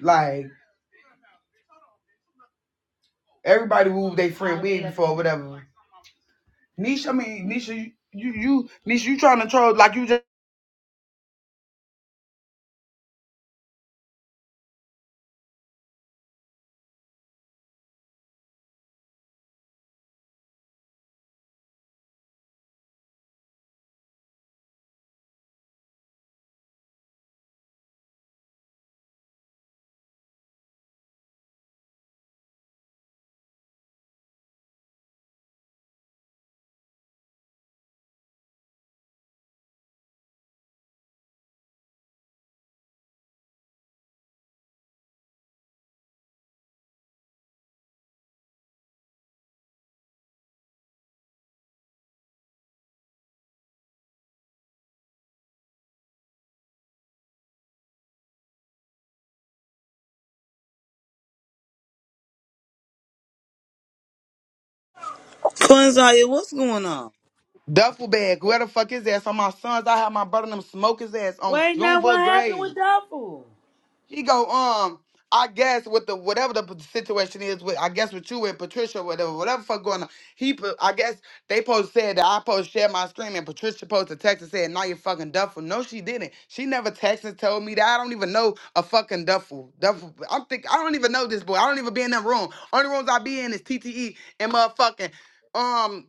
Like everybody wooed they friend wig before whatever. Nisha, I mean Nisha, you you, you Nisha, you trying to troll like you just Quinzaya, what's going on? duffel bag? Where the fuck is that? So my sons, I had my brother and them smoke his ass on Wait, now what Junebug happened Grave. with Duffel? She go, um, I guess with the whatever the p- situation is with, I guess with you and Patricia, whatever, whatever fuck going on. He, pu- I guess they supposed to said that I supposed to share my screen and Patricia supposed to text and said, "Now you fucking duffel." No, she didn't. She never texted and told me that. I don't even know a fucking duffel. Duffel. I'm think I don't even know this boy. I don't even be in that room. Only rooms I be in is TTE and motherfucking um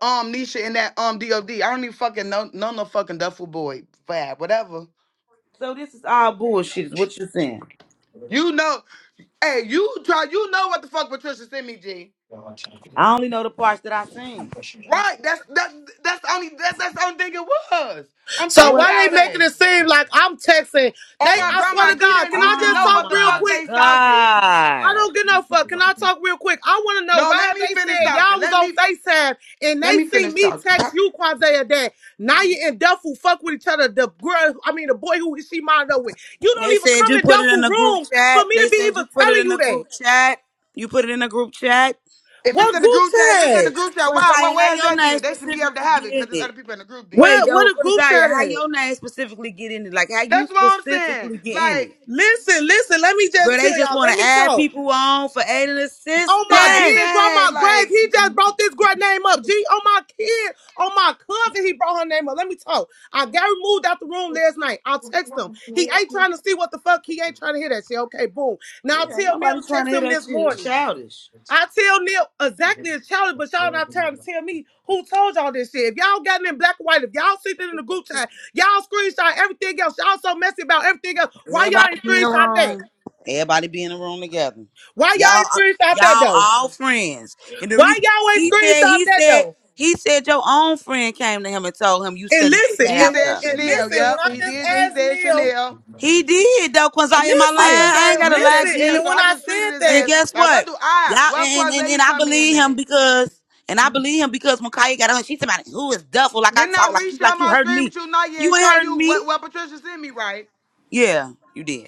um Nisha and that um DOD. I don't even fucking know know no fucking duffel boy. Fab, whatever. So this is all bullshit. Is what you're saying? Well, You know. Hey, you try. You know what the fuck Patricia sent me, G? I only know the parts that I seen. Right? That's that. That's the only. That, that's the only thing it was. I'm So So telling what? why y'all they making that. it seem like I'm texting? They, Oh my I swear grandma, to Keita God, and can I Nisha just know Oh talk what the real my fuck quick? they saw, G. I god! don't get no fuck. Can I talk real quick? I want to know No, why let me they finish said talking. y'all was Let on me FaceTime and let they me see finish me talking. Huh? text you, Quazaya, that Naya and Duffel fuck with each other. The girl, I mean, the boy who she mind up with. You They don't even said come you in put it in Duffel the group room for chat. me They to be said you even put it telling in you the that. group chat. You put it in the group chat. If it's What in the group group chat, if it's in the chat? group chat, why? What? Quinzaya, how Where is your that name then? They should be able to specifically have get it because in there's other it? people in the group then. Wait, Where, what though, a group Quinzaya, chat how at? your name specifically get in it? Like how you That's what I'm saying. specifically get in it? Like, Listen, listen, let me Girl, just they tell just y'all. want Let to me add talk. people on for aid and on my like, dear assistance. dang, grandma grave. like He just brought this great name up. G on my kid, on my cousin, he brought her name up. Let me talk. I got removed out the room last night. I text him. He ain't trying to see what the fuck. He ain't trying to hear that shit. Okay, boom. Now I Ain't tell Neil nobody to trying text to hear him that this shit. It's morning. I childish. I tell Neil exactly his challenge, but y'all not trying to tell me who told y'all this shit. If y'all got it in black and white, if y'all see it in the group chat, y'all screenshot everything else. Y'all so messy about everything else. Why y'all Everybody ain't be in the screenshot that? room. Everybody be in the room together. Why y'all Y'all, uh, ain't screenshot that y'all though? all friends. And the Why reason y'all ain't he said, screenshot he that said, though? he said your own friend came to him and told him you And steady putting listen, that he and out said there. when and Chanel. listen, when Yep, I he just did. He asked said Neil, Chanel. don't He did know. though, Quincy. Am I lying? I just listen, I ain't heard what gotta he lie, said, listen, and Chanel. G. then So when I I just treated said his that, And ass guess like, what what? do I, Y'all what and and, and Quazay I come in believe him at? because and I believe him because when Kaya got on, she somebody who is duffel like I Didn't I talk like you like reshare you my heard screen me. with you, Naya, You and ain't show heard you me. what, what Patricia sent me, right? Yeah, you did.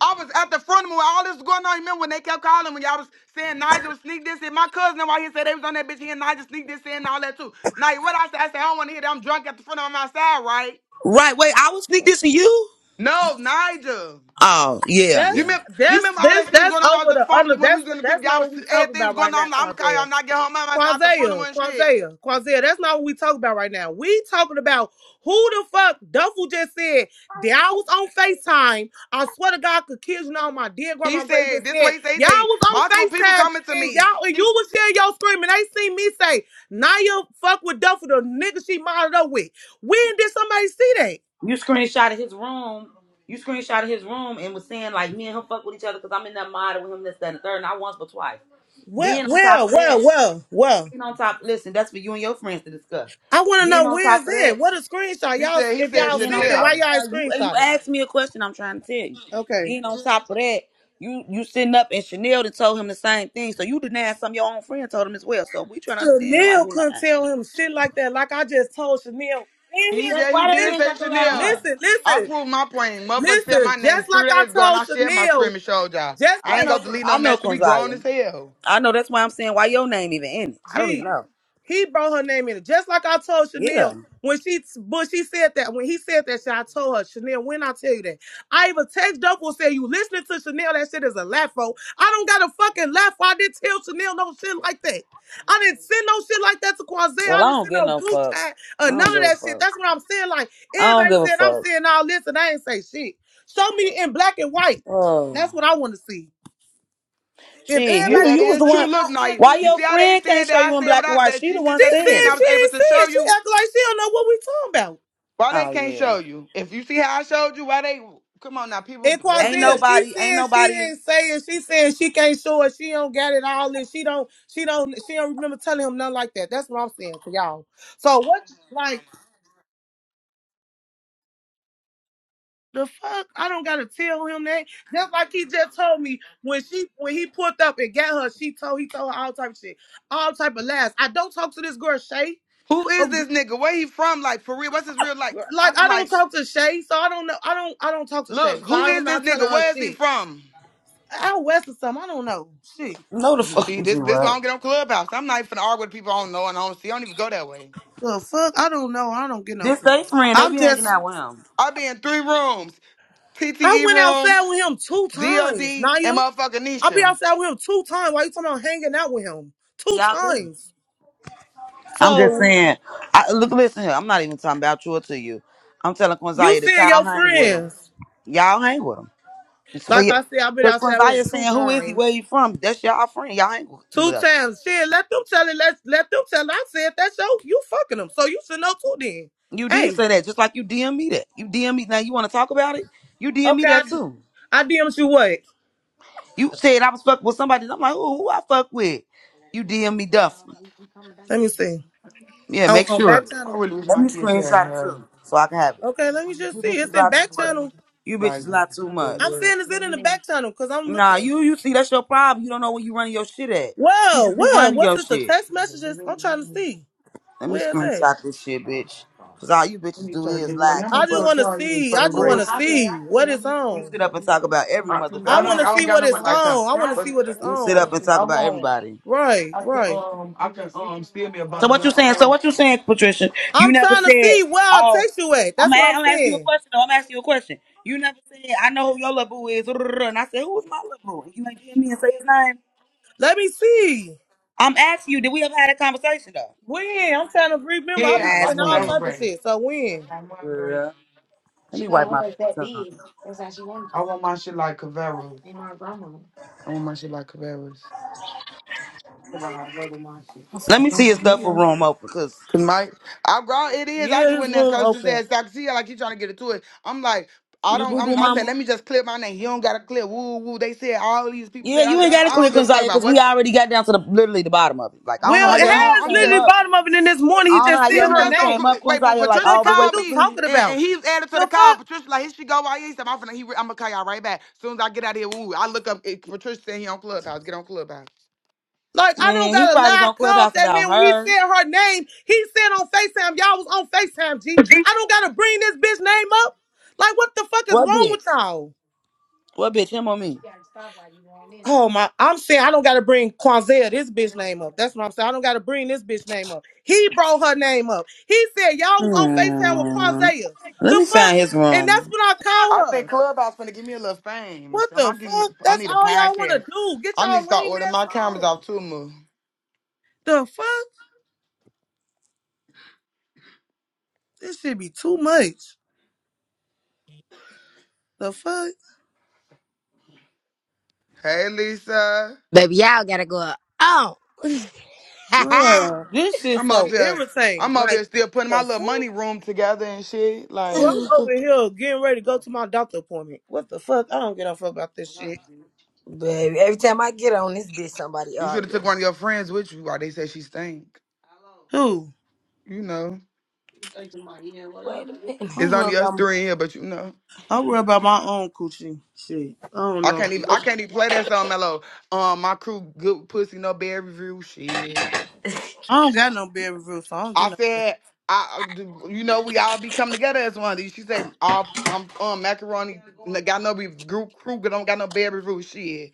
I was at the front of when all this was going on. You remember when they kept calling when y'all was saying Nigel sneak this in, my cousin right here said they was on that bitch here and Nigel sneak this in and all that too. Now what I said, I said I don't want to hear that. I'm drunk at the front of my side, right? Right. Wait, I would sneak this to you? No, Nigel. Oh, yeah, You that's yeah. remember, you that's remember all that's that shit was going that's on. I was over at the the phone with you other. when we That's was in the group. that's Y'all not was what we talking everything about was going right now, on. I'm, like, I'm gonna call y'all. Tarzell. I'm not get home. I said out the front of Quazaya, her and shit. Quazaya, Quazaya. That's not what we talking about right now. We talking about who the fuck Duffel just said that I was on FaceTime. I swear to God, could kids know my dear He grandma Grace said, just this way said he said, he y'all said, was on multiple people FaceTime coming to and me. y'all and you He, was sharing your screen and they seen me say Naya fuck with Duffel the nigga she modeled up with. When did somebody see that? You screenshotted his room. You screenshotted his room and was saying like me and him fuck with each other because I'm in that mod with him this that and the third, not once but twice. Well, Then on top well, of well, that, well, well. then on top, listen, that's for you and your friends to discuss. I want to Then know on where's top of that? that, What a screenshot, he y'all. said, he If and said y'all then on seen okay, it, why Chanel. y'all ain't you, you screenshot it? asked me a question, I'm trying to tell you. Okay. Then on top of that, you you sitting up and Chanel and told him the same thing, so you denied some of your own friend told him as well. So we trying to understand like Chanel who couldn't lies. tell him shit like that. Like I just told Chanel. In He That's yeah, here, he why that listen, did man say got to lie on Chanel. her. listen, I listen, proved my point. Motherfucker said my listen. name Just three like I days ago and I told shared my screen Chanel. and showed y'all. Just I I like ain't know. gonna delete no I know message. We grown Quinzaya. as hell. I know. That's why I'm saying why your name even in it. I don't even G, know. he brought her name in it. Just like I told Yeah. Chanel when she but she said that when he said that shit, I told her, Chanel, when I tell you that. I even text Duffel and said, You listening to Chanel, that shit is a laugh-o. I don't got a fucking laugh. I didn't tell Chanel no shit like that. I didn't send no shit like that to Quazay. Well, I I didn't don't send get no no group fuck. chat I or none don't give of a that shit. fuck. That's what I'm saying. Like I don't everybody give a said, I'm fuck. saying all this and I ain't say shit. Show me in black and white. Oh That's what I want to see. If shit! Yeah, You everybody that you can was is the true. one. Look, screenshot now you Why everything your see how they friend can't saying show that you I in said black and without white? that She she the sent one she that to me said and said I it. she was able ain't to show saying. you. She acting like she don't know what we talking about. Why they Oh can't yeah. show you? If you see how I showed you, why they come on now, people And that Ain't Quazia, shit. she nobody. Ain't said she nobody. didn't say it. She said she can't show it. She don't got it all this. She don't. She don't. She don't remember telling him nothing like that. That's what I'm saying to y'all. So what? Like the fuck? I don't gotta tell him that. Just like he just told me when she when he pulled up and got her, she told he told her all type of shit, all type of lies. I don't talk to this girl Shay. Who is Oh, this nigga? Where he from? Like for real? What's his real like? I'm Like I don't like talk to Shay, so I don't know. I don't. I don't talk to Shay, Look, so who I don't. I'm is this not telling nigga? her Where is he shit. from? out west or something. I don't know. Shit. No the You fuck see, with you, this this why I right? don't get on Clubhouse. I'm not even finna argue with people I don't know and I don't see. I don't even go that way. The fuck? I don't know. I don't get no This fuck. they friend. They I'm be hanging just out with him. I be in three rooms. I TTE went room, outside with him two DOD, times, Naya. and motherfucking I be Nisha. outside with him two times. Why you talking about hanging out with him? Two Y'all do. times. I'm just So saying. I, look, listen here. I'm not even talking about you or to you. I'm telling you Quinzaya that seeing y'all your hang with him. friends. Y'all hang with him. for Like you. I said, I've been Because outside with him Quinziah two saying, who is he? times. Where he from? That's y'all friend. Y'all ain't Two but times. Shit, let them tell it. Let, let them tell it. I said that's your you fucking them. So you should know too then. you did Hey. say that, just like you DM me that. You DM me now. You want to talk about it? You DM me Okay, I that too. DM'd you what? You said I was fuck with somebody. I'm like, who, who I fuck with? You DM me Duff. Let me see. Yeah, On, make on sure. back channel. I really wish Let my me kids had screenshot it her too, so I can have it. Okay, let me just You see. bitches It's in lie too back much. channel. You like bitches the lie too the much. I'm the- saying is it in the back channel because I'm Nah, looking. you you see that's your problem. You don't know where you running your shit at. You Whoa, just be whoa, running what's your it? The shit. text messages? the- I'm trying to see. Let me Where is it? screenshot this shit, bitch. Cause I all you bitches need to do try to is get the money. lie. How I much Keep you just up gonna want to charge me see. for I them just bread? want to Bullshit. see what it's You on. sit up and talk about every I motherfucking want to body. see what it's on. I want to see what it's You sit up on. and talk about Oh, everybody. Right, I can right. um I can um steal me a So what bundle. you saying? So want what you saying, Patricia? You I'm never trying to said, see where I'll oh, text you at. I'm That's gonna what I'm I'm ask you a saying. question. though. I'm asking you a question. You never said, I know who your little boo is. And I said, who's my little boo? And you ain't give me and say his name. Let me see. I'm asking you, did we ever had a conversation though? When? I'm trying to remember. I'll be yeah, Nice like saying all win. Cavera type of bread. shit. So when? Girl. Let me wipe my baby tongue. I want my shit like Cavera. I want my shit like Cavera's. Let me see his duffel room open, cause Cause my I raw it is. I just Yeah, his went there and room cursed his open. ass. I could see how, like he trying to get into it. I'm like, I you don't. boo boo I'm, I said, mama. let me just clear my name. He don't gotta clear. Woo woo. They said all these people Yeah, said. I you ain't said, gotta I don't click on give a fuck Zaya about because we what. already got down to the literally the bottom of it. Like I don't know I Well, how said, I your name don't, Harris I'm came just. literally up. bottom of it, and this morning I he don't know just how He said your was her name just on. name. gr- came up, Wait, but Quinzaya, like The Patricia all the fuck way is called you me completely. talking and, and about? he's added to the The call. fuck? Patricia like, here she go right here. He said, I'm finna. He, re- I'm gonna call y'all right back. As soon as I get out of here, woo. I look up. It, Patricia said he on Clubhouse. Get on Clubhouse. Like, I don't Man, he got to probably was lie. I on called Clubhouse that about man when he her. said her name. He said on FaceTime, y'all was on FaceTime, G. I don't got to bring this bitch name up. Like, what the fuck is What wrong bitch? with y'all? What bitch? Him or me? Oh, my. I'm saying I don't got to bring Quanzea, this bitch name up. That's what I'm saying. I don't got to bring this bitch name up. He brought her name up. He said y'all was on FaceTime with Hmm. Quanzea. Let The me fuck? find his And that's room. what I I call think her. Clubhouse gonna give me a little fame. What So the I'm getting, fuck? I That's need a all y'all want to podcast. do. Get I need to y'all start lame ordering ass my cameras on. off too, Moo. The fuck? This should be too much. The fuck? Hey, Lisa. Baby, y'all gotta go up. Oh. Girl, this shit I'm so over here. irritating. I'm over here Like, still putting my the little money fuck? room together and shit. Girl, Like, I'm over here getting ready to go to my doctor appointment. What the fuck? I don't give a fuck about this shit. Baby, every time I get on this bitch, somebody you should have arguing. took one of your friends with you while they said she stink. Who? You know, it's I'm only worried us about, three in here, but you know. I'm worried about my own coochie. Shit. I don't I know. can't About even I no, can't even play that song mellow. Um, my crew good pussy no bad review shit. I don't got no bed review, so I don't get I no. said, I you know we all be coming together as one. She said, all I'm um macaroni got no be group crew, but don't got no baby roof shit.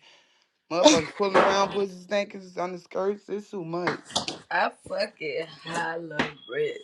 Motherfuckers pulling around, pussy stankers on the skirts. It's too much. I fucking holla bread.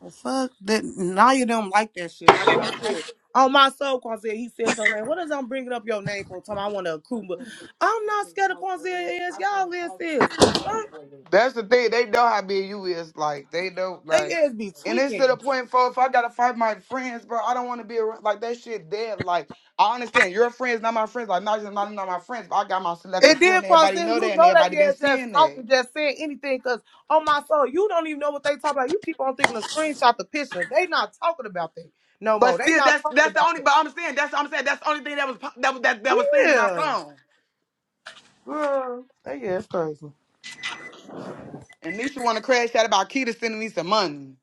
Well, fuck that. Now you don't like that shit. Like I said, on my soul, Quanzia, he said your name. What is I'm bringing up your name for? Time I want to I accrue, but couldn't, I'm I not couldn't scared of talk for real. Quanzia is. I Y'all couldn't is talk for is. The real fuck? anyway. That's the thing. They know how big you is. Like they know. They Like, ass be and it's to the tweaking. point, for if I gotta fight my friends, bro, I don't want to be around. Like that shit dead. Like I understand your friends, not my friends. Like not just not, not my friends, but I got my And selective crew, then and everybody Quanzia, know that, you and know everybody they been ass just seeing that. talking, just saying anything. Cause on my soul, you don't even know what they talking about. You keep on thinking of screenshot the picture. They not talking about that no But more. They still, not that's talking that's the about only. that. But I'm saying that's I'm saying that's the only thing that was pop- that was that, that was seen in my Yeah, phone. girl, they ass crazy. And Nisha want to crash out about Keita sending me some money.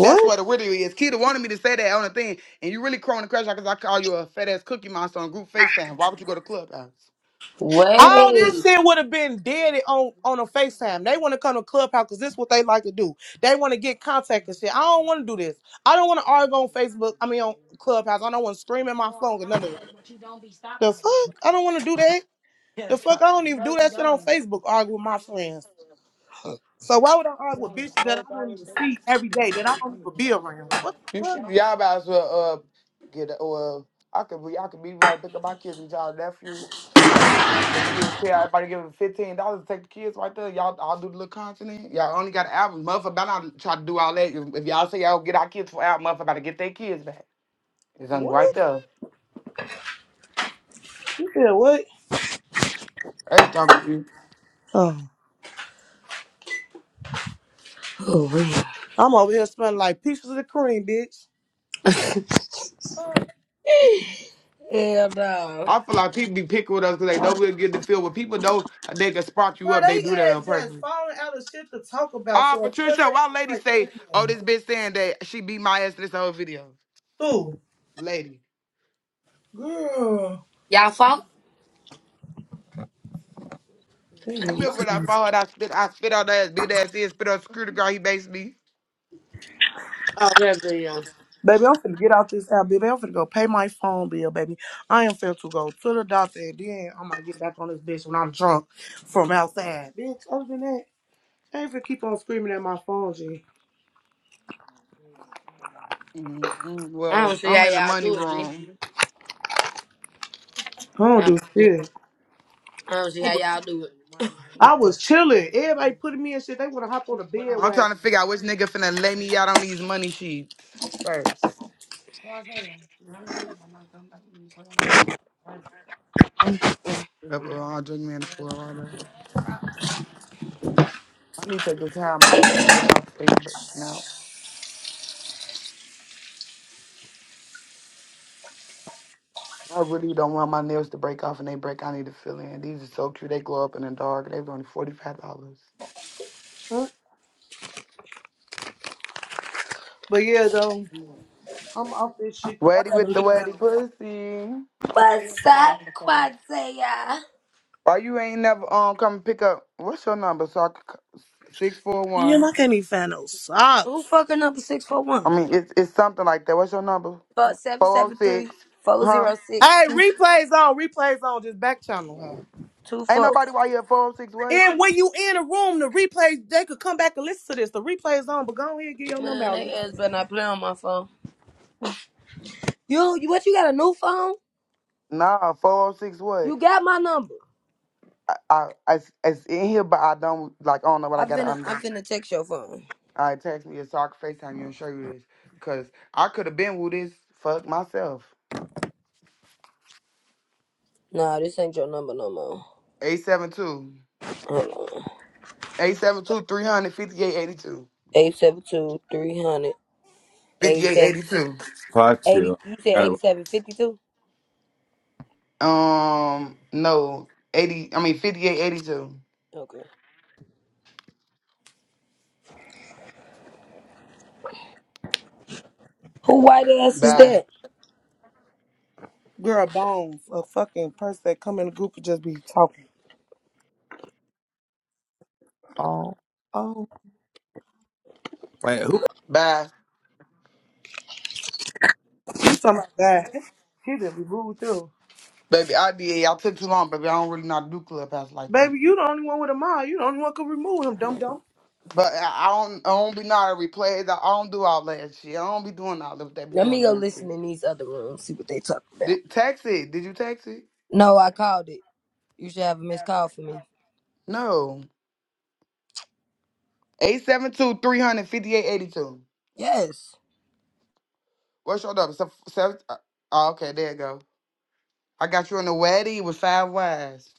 That's what it really is. Kita wanted me to say that on the thing, and you really crowing the crash because I call you a fat ass cookie monster on group FaceTime. Why would you go to clubhouse? All this Wait. shit would have been dead on on a FaceTime. They want to come to Clubhouse because this is what they like to do. They want to get contact and shit. I don't want to do this. I don't want to argue on Facebook. I mean on Clubhouse. I don't want to scream at my phone or none of that. The fuck? I don't want to do that. The fuck? I don't even do that shit on Facebook. Argue with my friends. So why would I argue with bitches that I don't even see every day that I don't even be around? What the You fuck? should, y'all might as well uh, get a- well. I could be I could be right pick up my kids with y'all nephew Nick and see and tell everybody give them fifteen dollars to take the kids right there. Y'all I'll do the little content. in. Y'all only got an album. Motherfucker about to try to do all that. If if y'all say y'all get our kids for album, motherfucker about to get their kids back. It's on right What? there. You said what? Hey, talk Oh, Oh, man. I'm over here smelling like pieces of cream, bitch. Hell no. I feel like people be picking with us because they know we'll get the feel. When people know they can spark you Girl, up, they do that they on ass just purpose. falling out of shit to talk about, Ah, so of course Patricia, why lady they gonna say, say oh, everything. this bitch saying that she beat my ass in this whole video? Ooh, Lady. girl. Y'all fuck? You Mm. remember when I found her, I spit, I spit on that ass, beat that ass in, spit on security guard, he based me. Baby, I'm finna get out this app, baby. I'm finna go pay my phone bill, baby. I am finna to go to the doctor and then I might get back on this bitch when I'm drunk from outside. Bitch, other than that, I ain't finna keep on screaming at my phone, G. Mm, mm, I don't Well, see I'm how in the y'all money do it, G. room. I don't I do don't, shit. I don't see how y'all do it. I was chilling. Everybody putting me in shit. They wanna hop on the bed I'm wagon. trying to figure out which nigga finna lay me out on these money sheets first. Yep, uh, I'll drink me in the pool of water. I need to go tie my, my Facebook now. I really don't want my nails to break off and they break. I need to fill in. These are so cute. They glow up in the dark. They were only forty five dollars. Huh? But yeah, though, I'm off this shit. I Waddy gotta with the leave waddy out. pussy. What's up, Quadzia? Why you ain't never um come pick up? What's your number? So I could c- six four You're one. not any fan of Who socks. fucking up a 641? I mean, it's it's something like that. What's your number? Fuck seven Four zero seven three six. four Huh? zero six Hey, two replays on, replays on, just back channel her. two Ain't four. nobody why you at four zero six Wait. And when you in a room, the replays they could come back and listen to this. The replays on, but go ahead and get 406 your number Man, out, they Lisa. ass better not play on my phone. You you what? You got a new phone? Nah, four zero six Wait. You got my number. I, I, I it's, it's in here, but I don't like. I don't know what I I got it finna, I under. finna text your phone. All right, text me so I can FaceTime you and show you this. Cause I could have been with this fuck myself. Nah, this ain't your number no more. 872. Hold on. 872 35882. 872 5882. Fatu. You said Got it. 8752? Um no. 80 I mean 5882. Okay. Who white ass is Bye. that? Girl, Bones, a fucking person that come in the group and just be talking. Oh, oh. Wait, Bye. You talking about that? He just be rude too. Baby, I did. i all took too long, baby. I don't really not do clubhouse like that. Baby, you the only one with a mind. You the only one could remove him, dum dum. But I I don't I don't be not a replays. I I don't do all that shit. I don't be doing all that they be Let doing me on go this listen bitch. in these other rooms, see what they talk about. Did, text it. Did you text it? No, I called it. You should have a missed call for me. No. Eight seven two three hundred fifty eight eighty two. Yes. 358 82. What's your number? So, so, uh, oh, okay, there you go. I got you in the wedding with five wives.